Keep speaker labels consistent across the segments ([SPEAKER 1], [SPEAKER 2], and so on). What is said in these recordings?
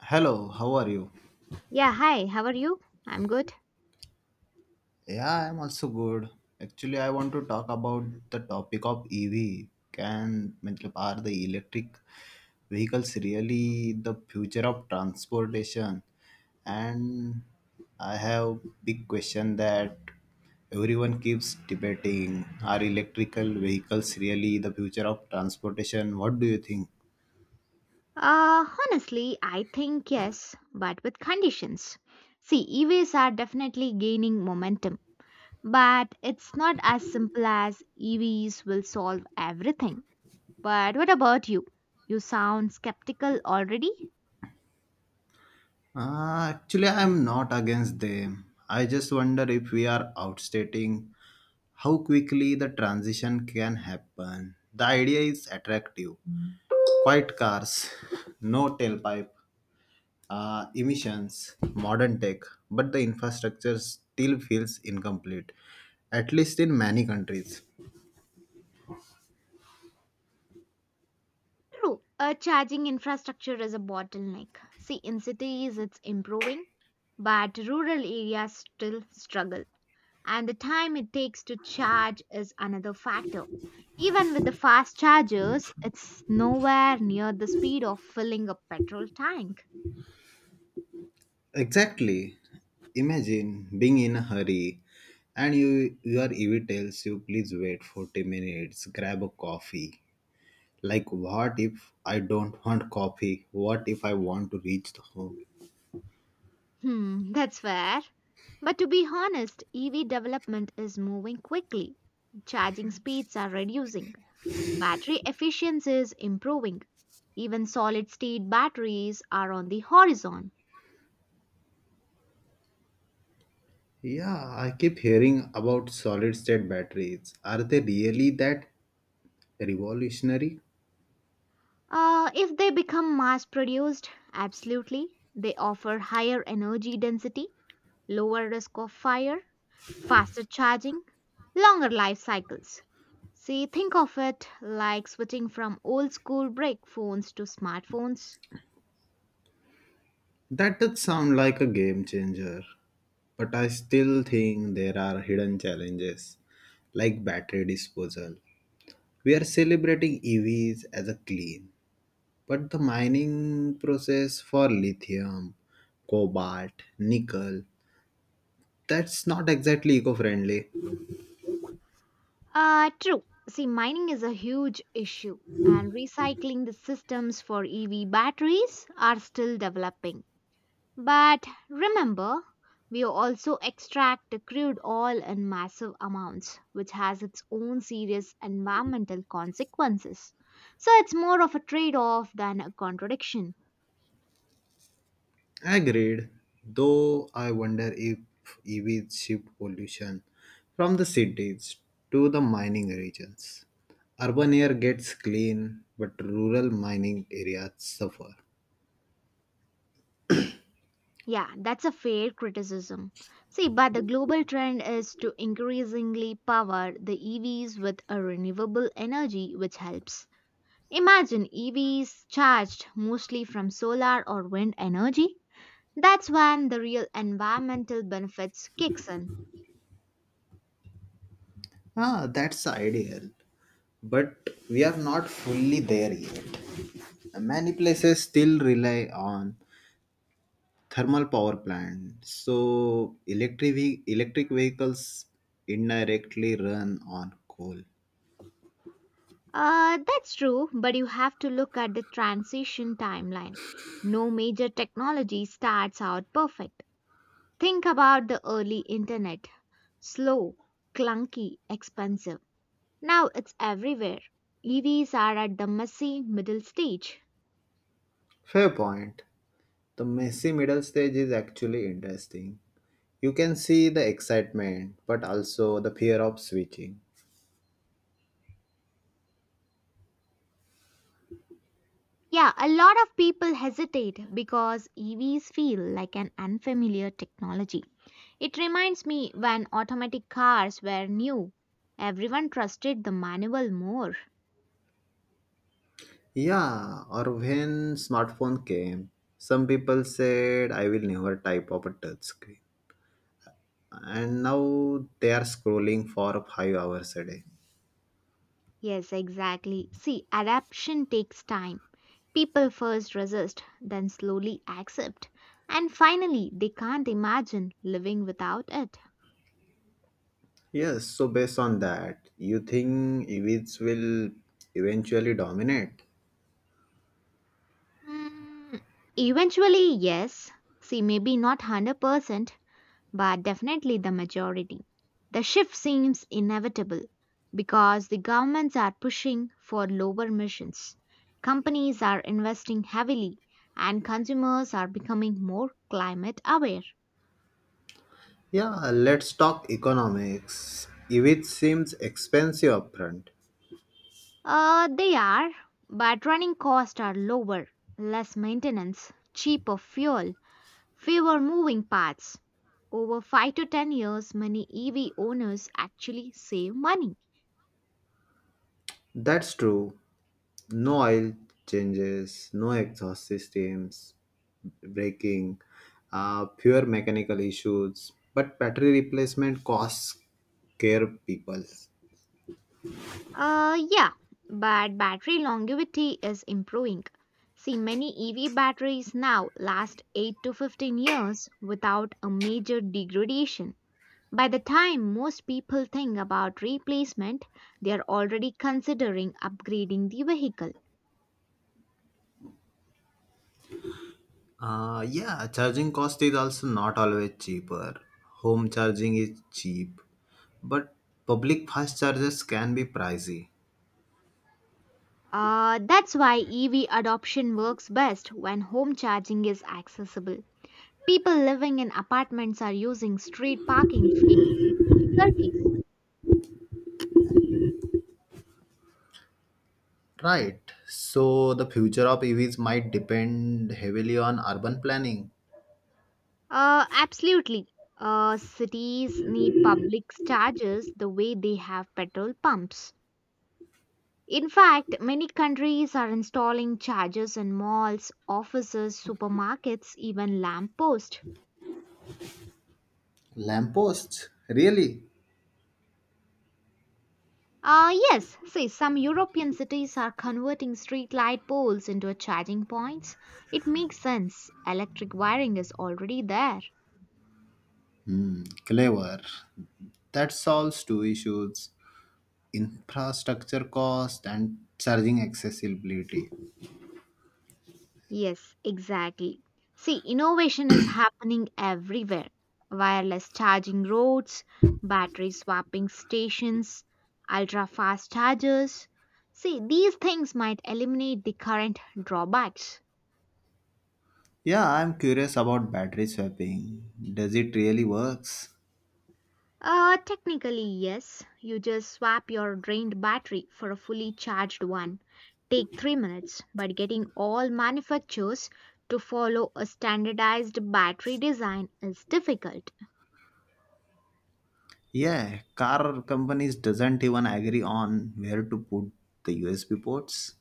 [SPEAKER 1] Hello, how are you?
[SPEAKER 2] Yeah, hi, how are you? I'm good.
[SPEAKER 1] Yeah, I'm also good. Actually, I want to talk about the topic of EV. Can मतलब, are the electric vehicles really the future of transportation? And I have big question that everyone keeps debating. Are electrical vehicles really the future of transportation? What do you think?
[SPEAKER 2] Honestly, I think yes, but with conditions. See, EVs are definitely gaining momentum, but it's not as simple as EVs will solve everything. But what about you? You sound skeptical already?
[SPEAKER 1] Actually, I'm not against them. I just wonder if we are outstating how quickly the transition can happen. The idea is attractive. Quiet cars, no tailpipe, emissions, modern tech, but the infrastructure still feels incomplete, at least in many countries.
[SPEAKER 2] True, a charging infrastructure is a bottleneck. See, in cities it's improving, but rural areas still struggle. And the time it takes to charge is another factor. Even with the fast chargers, it's nowhere near the speed of filling a petrol tank.
[SPEAKER 1] Exactly. Imagine being in a hurry and your EV tells you, please wait 40 minutes, grab a coffee. Like, what if I don't want coffee? What if I want to reach the home?
[SPEAKER 2] Hmm, that's fair. But to be honest, EV development is moving quickly. Charging speeds are reducing, battery efficiency is improving. Even solid state batteries are on the horizon.
[SPEAKER 1] Yeah, I keep hearing about solid state batteries. Are they really that revolutionary?
[SPEAKER 2] If they become mass produced, absolutely, they offer higher energy density, lower risk of fire, faster charging, longer life cycles. See, think of it like switching from old school brick phones to smartphones.
[SPEAKER 1] That does sound like a game changer, but I still think there are hidden challenges like battery disposal. We are celebrating EVs as a clean, but the mining process for lithium, cobalt, nickel, that's not exactly eco friendly.
[SPEAKER 2] True. See, mining is a huge issue, and recycling the systems for EV batteries are still developing. But remember, we also extract the crude oil in massive amounts, which has its own serious environmental consequences. So it's more of a trade off than a contradiction.
[SPEAKER 1] Agreed, though I wonder if EVs shift pollution from the cities to the mining regions. Urban air gets clean, but rural mining areas suffer.
[SPEAKER 2] Yeah, that's a fair criticism. See, but the global trend is to increasingly power the EVs with a renewable energy, which helps. Imagine EVs charged mostly from solar or wind energy. That's when the real environmental benefits kicks in.
[SPEAKER 1] Ah, that's ideal, but we are not fully there yet. Many places still rely on thermal power plants, so electric vehicles indirectly run on coal.
[SPEAKER 2] That's true, but you have to look at the transition timeline. No major technology starts out perfect. Think about the early internet. Slow, clunky, expensive. Now it's everywhere. EVs are at the messy middle stage.
[SPEAKER 1] Fair point. The messy middle stage is actually interesting. You can see the excitement but also the fear of switching.
[SPEAKER 2] Yeah, a lot of people hesitate because EVs feel like an unfamiliar technology. It reminds me when automatic cars were new. Everyone trusted the manual more.
[SPEAKER 1] Yeah, or when smartphone came, some people said, I will never type of a touch screen, and now they are scrolling for 5 hours a day.
[SPEAKER 2] Yes, exactly. See, adaptation takes time. People first resist, then slowly accept, and finally they can't imagine living without it.
[SPEAKER 1] Yes, so based on that, you think EVs will eventually dominate?
[SPEAKER 2] Hmm, eventually, yes. See, maybe not 100%, but definitely the majority. The shift seems inevitable because the governments are pushing for lower emissions, companies are investing heavily, and consumers are becoming more climate aware.
[SPEAKER 1] Yeah, let's talk economics. EVs seems expensive upfront.
[SPEAKER 2] They are, but running costs are lower, less maintenance, cheaper fuel, fewer moving parts. Over 5 to 10 years, many EV owners actually save money.
[SPEAKER 1] That's true. No oil changes, no exhaust systems, braking, pure mechanical issues. But battery replacement costs scare people.
[SPEAKER 2] Yeah, but battery longevity is improving. See, many EV batteries now last 8 to 15 years without a major degradation. By the time most people think about replacement, they are already considering upgrading the vehicle.
[SPEAKER 1] Yeah, charging cost is also not always cheaper. Home charging is cheap, but public fast chargers can be pricey.
[SPEAKER 2] That's why EV adoption works best when home charging is accessible. People living in apartments are using street parking for difficulties.
[SPEAKER 1] Right. So the future of EVs might depend heavily on urban planning.
[SPEAKER 2] Absolutely. Cities need public charges the way they have petrol pumps. In fact, many countries are installing chargers in malls, offices, supermarkets, even lampposts.
[SPEAKER 1] Lampposts, really?
[SPEAKER 2] Yes, see, some European cities are converting street light poles into a charging points. It makes sense. Electric wiring is already there.
[SPEAKER 1] Hmm, clever. That solves two issues: infrastructure cost and charging accessibility.
[SPEAKER 2] Yes, exactly. See, innovation is happening everywhere. Wireless charging roads, battery swapping stations, ultra fast chargers. See, these things might eliminate the current drawbacks.
[SPEAKER 1] Yeah, I'm curious about battery swapping. Does it really works?
[SPEAKER 2] Technically, yes. You just swap your drained battery for a fully charged one. Take 3 minutes, but getting all manufacturers to follow a standardized battery design is difficult.
[SPEAKER 1] Yeah, car companies doesn't even agree on where to put the USB ports.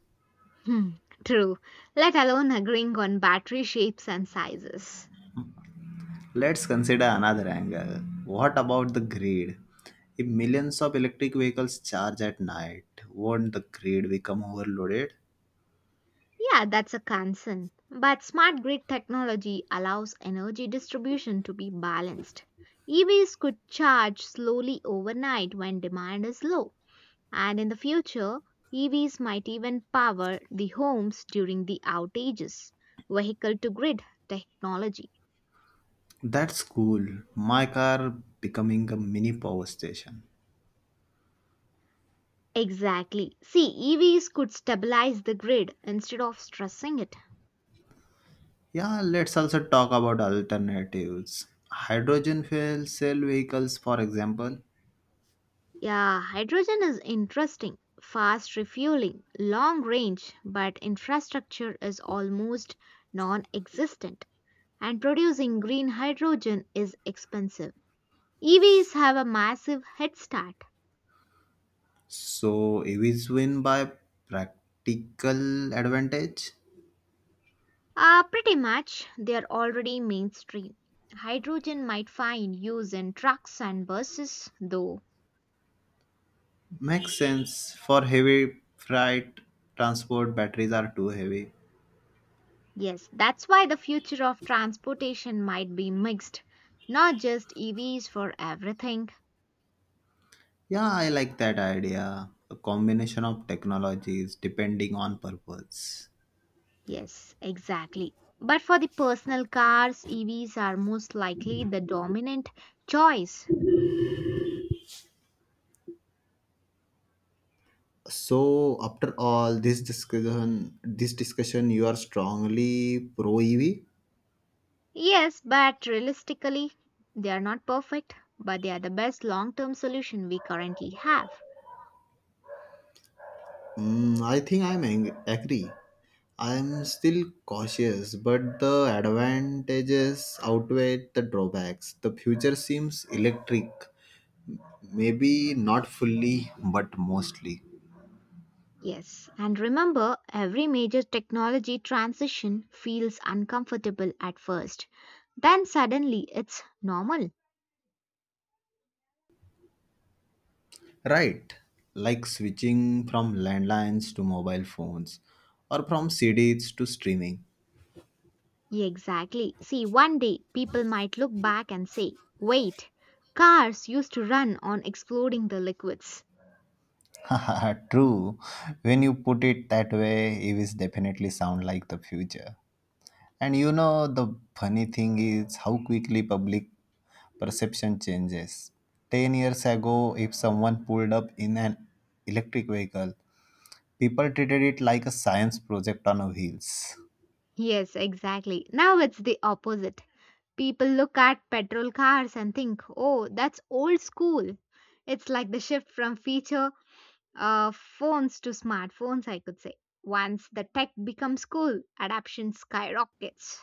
[SPEAKER 2] Hmm, true. Let alone agreeing on battery shapes and sizes.
[SPEAKER 1] Let's consider another angle. What about the grid? If millions of electric vehicles charge at night, won't the grid become overloaded?
[SPEAKER 2] Yeah, that's a concern. But smart grid technology allows energy distribution to be balanced. EVs could charge slowly overnight when demand is low. And in the future, EVs might even power the homes during the outages. Vehicle to grid technology.
[SPEAKER 1] That's cool. My car becoming a mini power station.
[SPEAKER 2] Exactly. See, EVs could stabilize the grid instead of stressing it.
[SPEAKER 1] Yeah, let's also talk about alternatives. Hydrogen fuel cell vehicles, for example.
[SPEAKER 2] Yeah, hydrogen is interesting. Fast refueling, long range, but infrastructure is almost non existent, and producing green hydrogen is expensive. EVs have a massive head start.
[SPEAKER 1] So EVs win by practical advantage?
[SPEAKER 2] Pretty much, they are already mainstream. Hydrogen might find use in trucks and buses, though.
[SPEAKER 1] Makes sense. For heavy freight transport, batteries are too heavy.
[SPEAKER 2] Yes, that's why the future of transportation might be mixed, not just EVs for everything.
[SPEAKER 1] Yeah, I like that idea. A combination of technologies depending on purpose.
[SPEAKER 2] Yes, exactly. But for the personal cars, EVs are most likely the dominant choice.
[SPEAKER 1] So after all this discussion, you are strongly pro EV?
[SPEAKER 2] Yes, but realistically, they are not perfect, but they are the best long term solution we currently have.
[SPEAKER 1] Mm, I think I'm agree. I'm still cautious, but the advantages outweigh the drawbacks. The future seems electric, maybe not fully, but mostly.
[SPEAKER 2] Yes, and remember, every major technology transition feels uncomfortable at first, then suddenly it's normal.
[SPEAKER 1] Right, like switching from landlines to mobile phones or from CDs to streaming.
[SPEAKER 2] Exactly. See, one day people might look back and say, wait, cars used to run on exploding the liquids.
[SPEAKER 1] True. When you put it that way, it is definitely sound like the future. And you know the funny thing is how quickly public perception changes. 10 years ago, if someone pulled up in an electric vehicle, people treated it like a science project on wheels.
[SPEAKER 2] Yes, exactly. Now it's the opposite. People look at petrol cars and think, oh, that's old school. It's like the shift from feature phones to smartphones, I could say. Once the tech becomes cool, adoption skyrockets.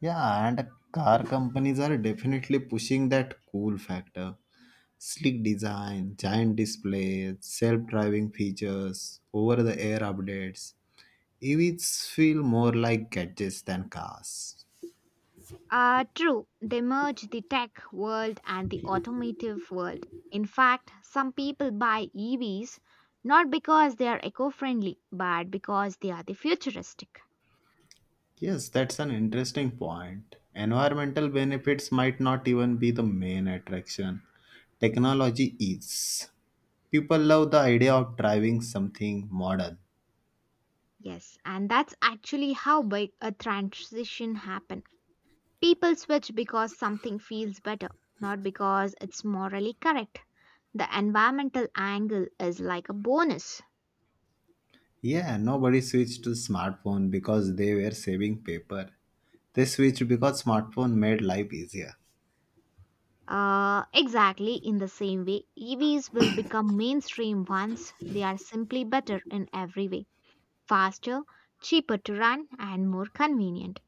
[SPEAKER 1] Yeah, and car companies are definitely pushing that cool factor. Sleek design, giant displays, self driving features, over the air updates. EVs feel more like gadgets than cars.
[SPEAKER 2] True, they merge the tech world and the automotive world. In fact, some people buy EVs not because they are eco friendly, but because they are the futuristic.
[SPEAKER 1] Yes, that's an interesting point. Environmental benefits might not even be the main attraction. Technology is. People love the idea of driving something modern.
[SPEAKER 2] Yes, and that's actually how big a transition happen. People switch because something feels better, not because it's morally correct. The environmental angle is like a bonus.
[SPEAKER 1] Yeah, nobody switched to smartphone because they were saving paper. They switched because smartphone made life easier.
[SPEAKER 2] Exactly, in the same way, EVs will become mainstream once they are simply better in every way, faster, cheaper to run, and more convenient.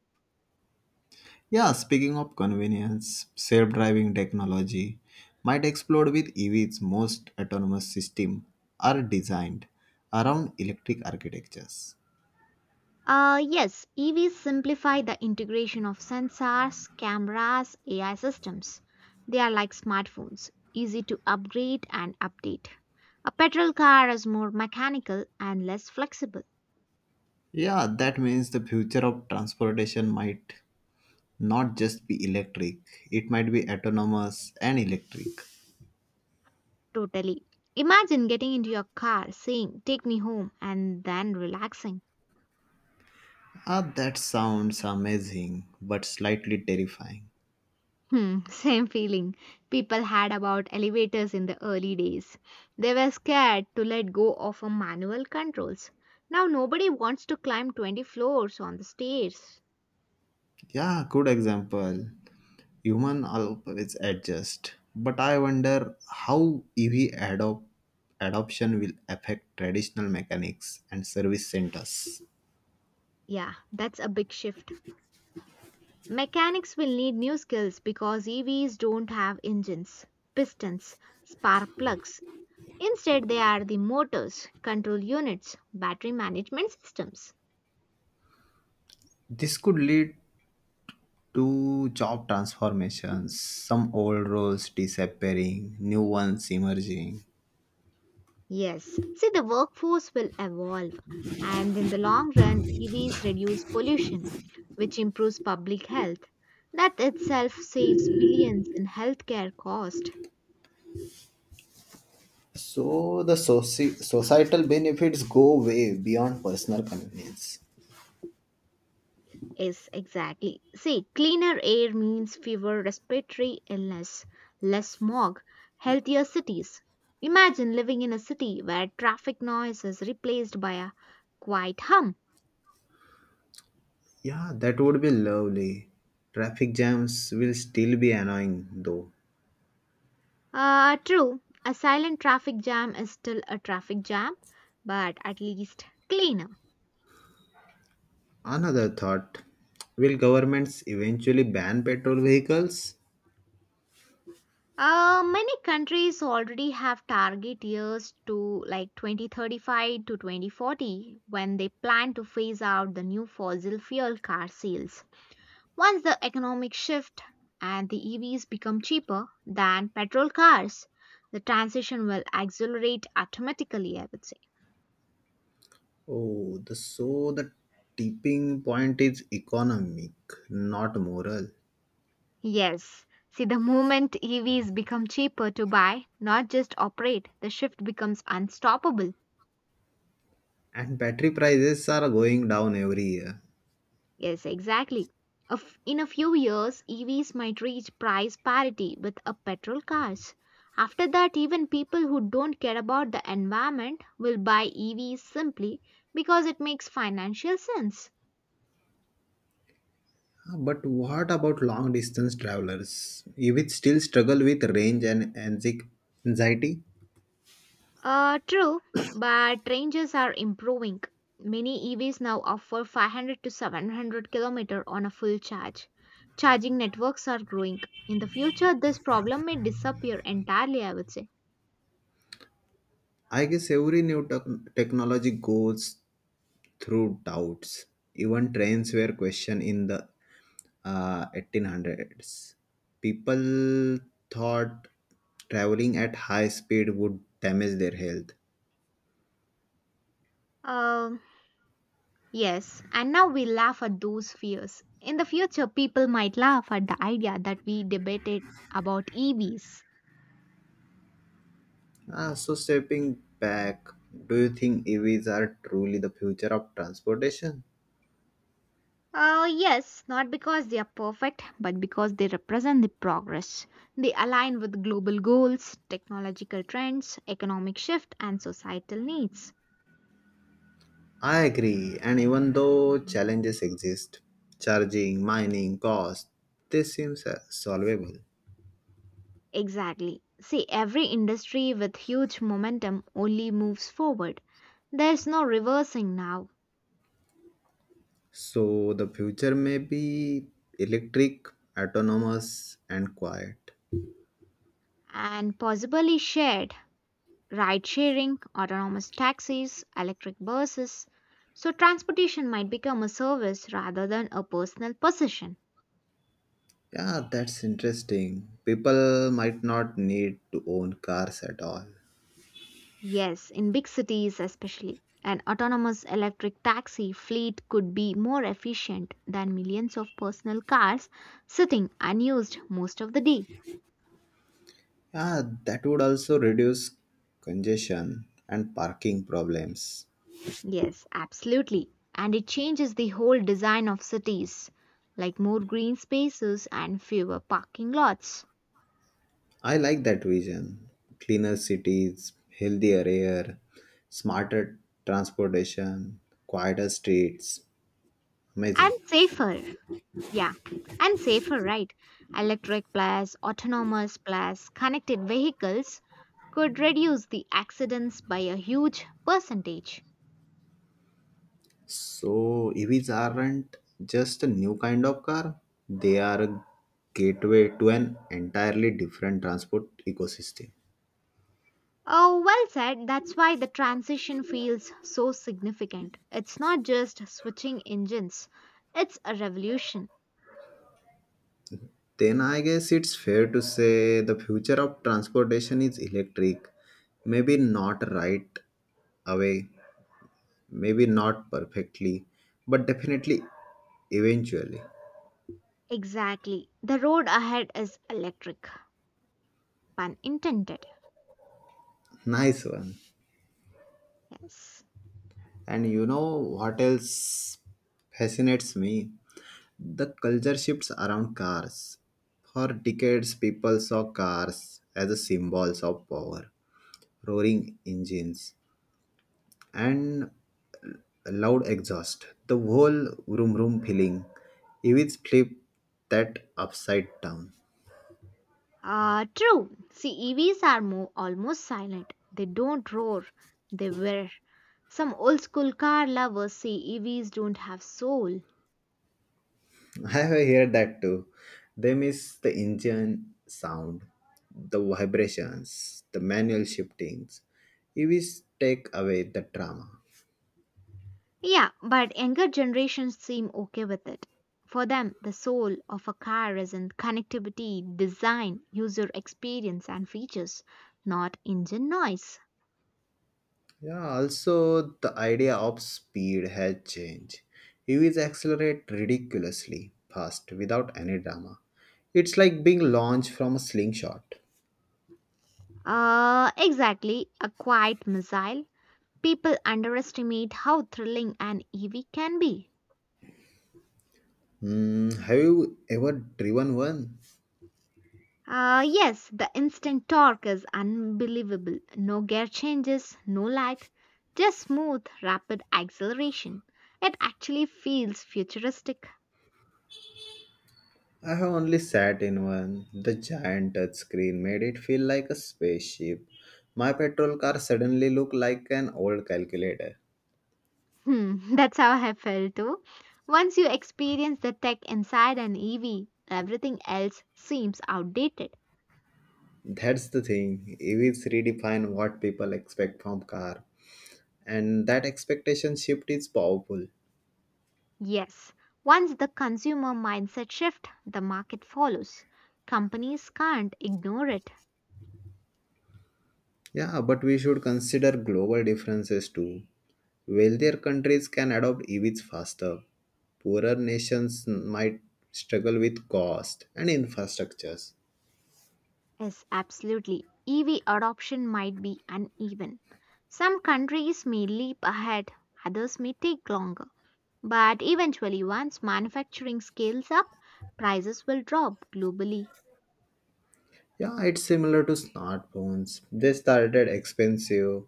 [SPEAKER 1] Yeah, speaking of convenience, self-driving technology might explode with EVs. Most autonomous systems are designed around electric architectures.
[SPEAKER 2] Yes, EVs simplify the integration of sensors, cameras, AI systems. They are like smartphones, easy to upgrade and update. A petrol car is more mechanical and less flexible.
[SPEAKER 1] Yeah, that means the future of transportation might not just be electric, it might be autonomous and electric.
[SPEAKER 2] Totally. Imagine getting into your car, saying, "Take me home," and then relaxing.
[SPEAKER 1] Ah, that sounds amazing, but slightly terrifying.
[SPEAKER 2] Hmm, same feeling people had about elevators in the early days. They were scared to let go of a manual controls. Now nobody wants to climb 20 floors on the stairs.
[SPEAKER 1] Yeah, good example. Human always adjust, but I wonder how adoption will affect traditional mechanics and service centers.
[SPEAKER 2] Yeah, that's a big shift. Mechanics will need new skills because EVs don't have engines, pistons, spark plugs. Instead, they are the motors, control units, battery management systems.
[SPEAKER 1] This could lead to job transformations, some old roles disappearing, new ones emerging.
[SPEAKER 2] Yes. See, the workforce will evolve, and in the long run, EVs reduce pollution, which improves public health. That itself saves billions in healthcare cost.
[SPEAKER 1] So the societal benefits go way beyond personal convenience.
[SPEAKER 2] Yes, exactly. See, cleaner air means fewer respiratory illness, less smog, healthier cities. Imagine living in a city where traffic noise is replaced by a quiet hum.
[SPEAKER 1] Yeah, that would be lovely. Traffic jams will still be annoying though.
[SPEAKER 2] True, a silent traffic jam is still a traffic jam, but at least cleaner.
[SPEAKER 1] Another thought, will governments eventually ban petrol vehicles?
[SPEAKER 2] Many countries already have target years to like 2035 to 2040 when they plan to phase out the new fossil fuel car sales. Once the economic shift and the EVs become cheaper than petrol cars, the transition will accelerate automatically, I would say.
[SPEAKER 1] Oh, so the tipping point is economic, not moral.
[SPEAKER 2] Yes. See, the moment EVs become cheaper to buy, not just operate, the shift becomes unstoppable.
[SPEAKER 1] And battery prices are going down every year.
[SPEAKER 2] Yes, exactly. In a few years, EVs might reach price parity with a petrol cars. After that, even people who don't care about the environment will buy EVs simply because it makes financial sense.
[SPEAKER 1] Ah, but what about long distance travelers? Which still struggle with range and anxiety?
[SPEAKER 2] True, but ranges are improving. Many EVs now offer 500 to 700 km on a full charge. Charging networks are growing. In the future, this problem may disappear entirely, I would say.
[SPEAKER 1] I guess every new technology goes through doubts. Even trains were questioned in the 1800s. People thought traveling at high speed would damage their health.
[SPEAKER 2] Um, yes, and now we laugh at those fears. In the future, people might laugh at the idea that we debated about EVs.
[SPEAKER 1] Ah, so stepping back, do you think EVs are truly the future of transportation?
[SPEAKER 2] Yes, not because they are perfect, but because they represent the progress. They align with global goals, technological trends, economic shift, and societal needs.
[SPEAKER 1] I agree, and even though challenges exist, charging, mining, cost, this seems solvable.
[SPEAKER 2] Exactly. See, every industry with huge momentum only moves forward. There's no reversing now.
[SPEAKER 1] So the future may be electric, autonomous, and quiet.
[SPEAKER 2] And possibly shared ride sharing, autonomous taxis, electric buses. So, transportation might become a service rather than a personal possession.
[SPEAKER 1] Yeah, that's interesting. People might not need to own cars at all.
[SPEAKER 2] Yes, in big cities especially, an autonomous electric taxi fleet could be more efficient than millions of personal cars sitting unused most of the day.
[SPEAKER 1] Yeah, that would also reduce congestion and parking problems.
[SPEAKER 2] Yes, absolutely. And it changes the whole design of cities, like more green spaces and fewer parking lots.
[SPEAKER 1] I like that vision. Cleaner cities, healthier air, smarter transportation, quieter streets. Amazing.
[SPEAKER 2] And safer. Yeah, and safer, right? Electric plus autonomous plus connected vehicles could reduce the accidents by a huge percentage.
[SPEAKER 1] So, EVs aren't just a new kind of car, they are a gateway to an entirely different transport ecosystem.
[SPEAKER 2] Oh, well said. That's why the transition feels so significant. It's not just switching engines, it's a revolution.
[SPEAKER 1] Then, I guess it's fair to say the future of transportation is electric. Maybe not right away, maybe not perfectly, but definitely eventually.
[SPEAKER 2] Exactly. The road ahead is electric. Pun intended.
[SPEAKER 1] Nice one.
[SPEAKER 2] Yes.
[SPEAKER 1] And you know what else fascinates me? The culture shifts around cars. For decades, people saw cars as a symbols of power, roaring engines, and loud exhaust. The whole room feeling. EVs flip that upside down.
[SPEAKER 2] Ah, true. See, EVs are more almost silent. They don't roar, they whir. Some old school car lovers say EVs don't have soul.
[SPEAKER 1] I have heard that too. They miss the engine sound, the vibrations, the manual shiftings. EVs take away the drama.
[SPEAKER 2] Yeah, but younger generations seem okay with it. For them, the soul of a car is in connectivity, design, user experience, and features, not engine noise.
[SPEAKER 1] Yeah, also the idea of speed has changed. EVs accelerate ridiculously fast without any drama. It's like being launched from a slingshot.
[SPEAKER 2] Exactly, a quiet missile. People underestimate how thrilling an EV can be.
[SPEAKER 1] Hmm, have you ever driven one?
[SPEAKER 2] Yes, the instant torque is unbelievable. No gear changes, no lag, just smooth, rapid acceleration. It actually feels futuristic.
[SPEAKER 1] I have only sat in one. The giant touchscreen made it feel like a spaceship. My petrol car suddenly looked like an old calculator.
[SPEAKER 2] Hmm, that's how I felt too. Once you experience the tech inside an EV, everything else seems outdated.
[SPEAKER 1] That's the thing. EVs redefine what people expect from car, and that expectation shift is powerful.
[SPEAKER 2] Yes, once the consumer mindset shift, the market follows. Companies can't ignore it.
[SPEAKER 1] Yeah, but we should consider global differences too. Wealthier countries can adopt EVs faster. Poorer nations might struggle with cost and infrastructures.
[SPEAKER 2] Yes, absolutely. EV adoption might be uneven. Some countries may leap ahead, others may take longer. But eventually, once manufacturing scales up, prices will drop globally.
[SPEAKER 1] Yeah, it's similar to smartphones. They started expensive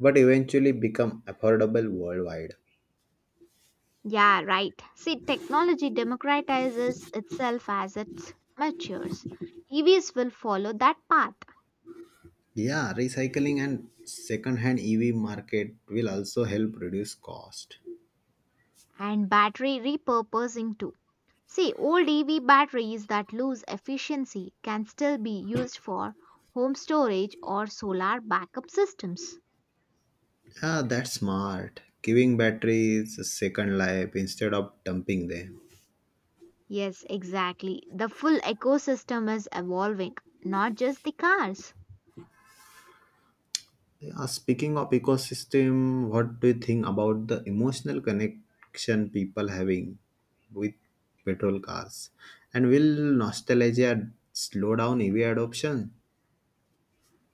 [SPEAKER 1] but eventually become affordable worldwide.
[SPEAKER 2] Yeah, right. See, technology democratizes itself as it matures. EVs will follow that path,
[SPEAKER 1] Yeah, recycling and second-hand EV market will also help reduce cost.
[SPEAKER 2] and battery repurposing too. See, old EV batteries that lose efficiency can still be used for home storage or solar backup systems.
[SPEAKER 1] Yeah, that's smart. Giving batteries a second life instead of dumping them.
[SPEAKER 2] Yes, exactly. The full ecosystem is evolving, not just the cars.
[SPEAKER 1] Yeah, speaking of ecosystem, what do you think about the emotional connection people having with petrol cars? And will nostalgia slow down EV adoption?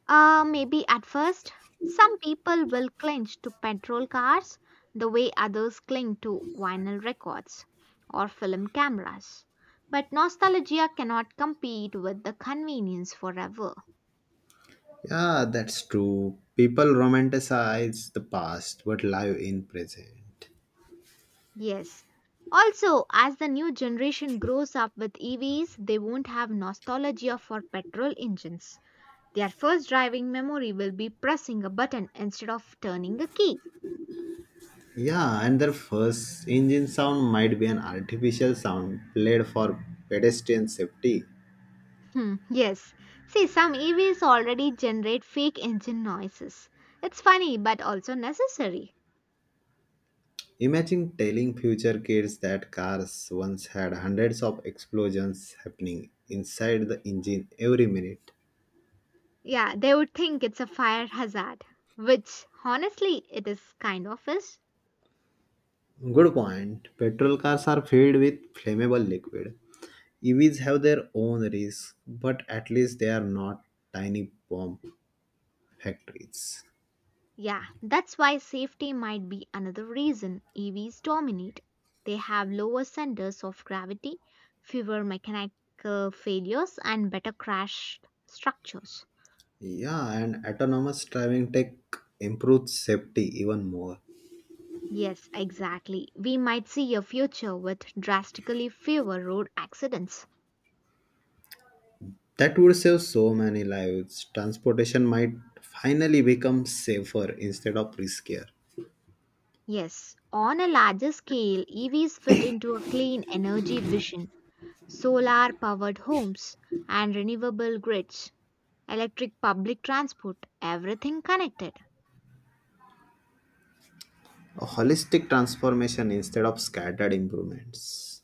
[SPEAKER 2] Maybe at first, some people will cling to petrol cars the way others cling to vinyl records or film cameras. But nostalgia cannot compete with the convenience forever.
[SPEAKER 1] Yeah, that's true. People romanticize the past but live in present.
[SPEAKER 2] Yes. Also, as the new generation grows up with EVs, they won't have nostalgia for petrol engines. Their first driving memory will be pressing a button instead of turning a key.
[SPEAKER 1] Yeah, and their first engine sound might be an artificial sound played for pedestrian safety.
[SPEAKER 2] Hmm, yes. See, some EVs already generate fake engine noises. It's funny but also necessary.
[SPEAKER 1] Imagine telling future kids that cars once had hundreds of explosions happening inside the engine every minute.
[SPEAKER 2] Yeah, they would think it's a fire hazard, which honestly it is kind of is.
[SPEAKER 1] Good point. Petrol cars are filled with flammable liquid. EVs have their own risks, but at least they are not tiny bomb factories.
[SPEAKER 2] Yeah, that's why safety might be another reason EVs dominate. They have lower centers of gravity, fewer mechanical failures, and better crash structures.
[SPEAKER 1] Yeah, and autonomous driving tech improves safety even more.
[SPEAKER 2] Yes, exactly. We might see a future with drastically fewer road accidents.
[SPEAKER 1] That would save so many lives. Transportation might finally become safer instead of riskier.
[SPEAKER 2] Yes, on a larger scale, EVs fit into a clean energy vision, solar powered homes and renewable grids, electric public transport, everything connected.
[SPEAKER 1] A holistic transformation instead of scattered improvements.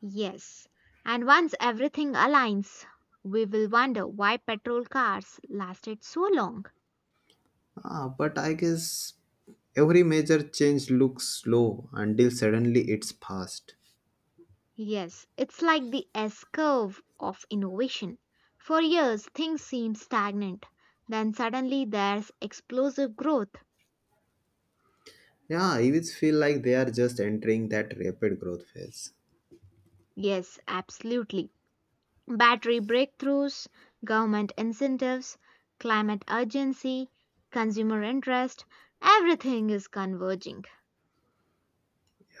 [SPEAKER 2] Yes, and once everything aligns, we will wonder why petrol cars lasted so long.
[SPEAKER 1] Ah, but I guess every major change looks slow until suddenly it's fast.
[SPEAKER 2] Yes, it's like the S curve of innovation. For years, things seem stagnant, then suddenly there's explosive growth.
[SPEAKER 1] Yeah, I always feel like they are just entering that rapid growth phase.
[SPEAKER 2] Yes, absolutely. Battery breakthroughs, government incentives, climate urgency, consumer interest, everything is converging.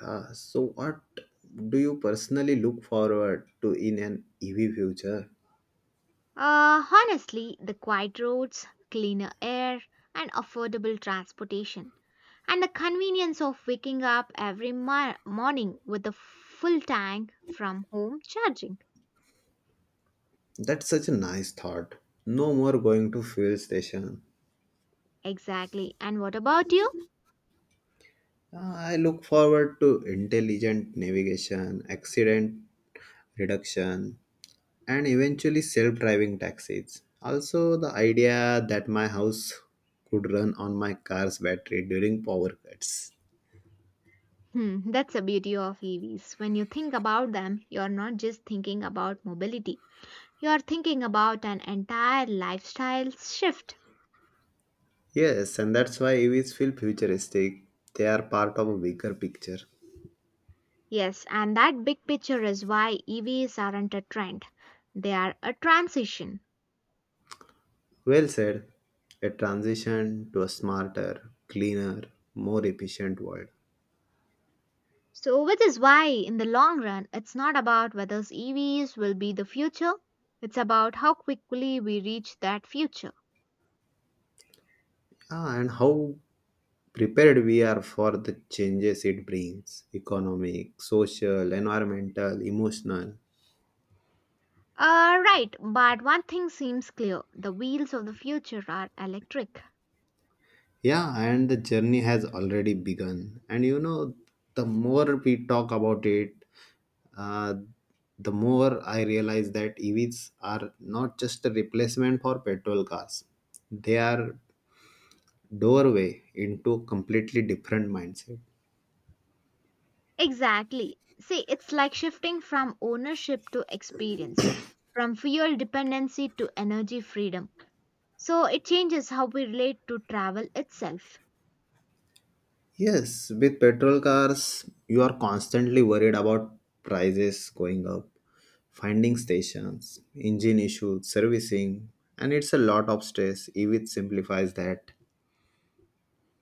[SPEAKER 1] Yeah, so what do you personally look forward to in an EV future?
[SPEAKER 2] Honestly, the quiet roads, cleaner air, and affordable transportation, and the convenience of waking up every morning with a full tank from home charging.
[SPEAKER 1] That's such a nice thought. No more going to fuel station.
[SPEAKER 2] Exactly. And what about you?
[SPEAKER 1] Ah, I look forward to intelligent navigation, accident reduction, and eventually self driving taxis. Also, the idea that my house could run on my car's battery during power cuts.
[SPEAKER 2] Hmm, that's the beauty of EVs. When you think about them, you're not just thinking about mobility. You're thinking about an entire lifestyle shift.
[SPEAKER 1] Yes, and that's why EVs feel futuristic. They are part of a bigger picture.
[SPEAKER 2] Yes, and that big picture is why EVs aren't a trend, they are a transition.
[SPEAKER 1] Well said. A transition to a smarter, cleaner, more efficient world.
[SPEAKER 2] So, which is why, in the long run, it's not about whether EVs will be the future, it's about how quickly we reach that future.
[SPEAKER 1] Ah, and how prepared we are for the changes it brings economic, social, environmental, emotional.
[SPEAKER 2] Right, but one thing seems clear, the wheels of the future are electric.
[SPEAKER 1] Yeah, and the journey has already begun. And you know, the more we talk about it, uh, the more I realize that EVs are not just a replacement for petrol cars, they are doorway into a completely different mindset.
[SPEAKER 2] Exactly. See, it's like shifting from ownership to experience, from fuel dependency to energy freedom. So it changes how we relate to travel itself.
[SPEAKER 1] Yes, with petrol cars, you are constantly worried about prices going up, finding stations, engine issues, servicing, and it's a lot of stress. EV simplifies that.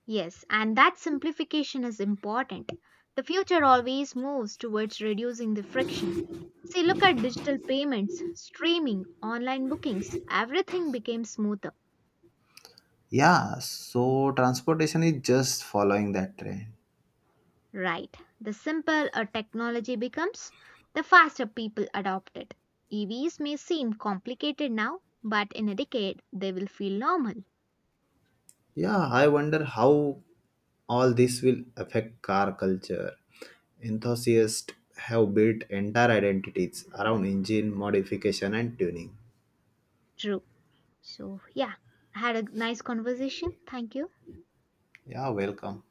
[SPEAKER 2] Yes, and that simplification is important. The future always moves towards reducing the friction. See, look at digital payments, streaming, online bookings, everything became smoother.
[SPEAKER 1] Yeah, so transportation is just following that trend.
[SPEAKER 2] Right. The simpler a technology becomes, the faster people adopt it. EVs may seem complicated now, but in a decade, they will feel normal.
[SPEAKER 1] Yeah, I wonder how all this will affect car culture. Enthusiasts have built entire identities around engine modification and tuning.
[SPEAKER 2] True. So, yeah, I had a nice conversation. Thank you.
[SPEAKER 1] Yeah, welcome.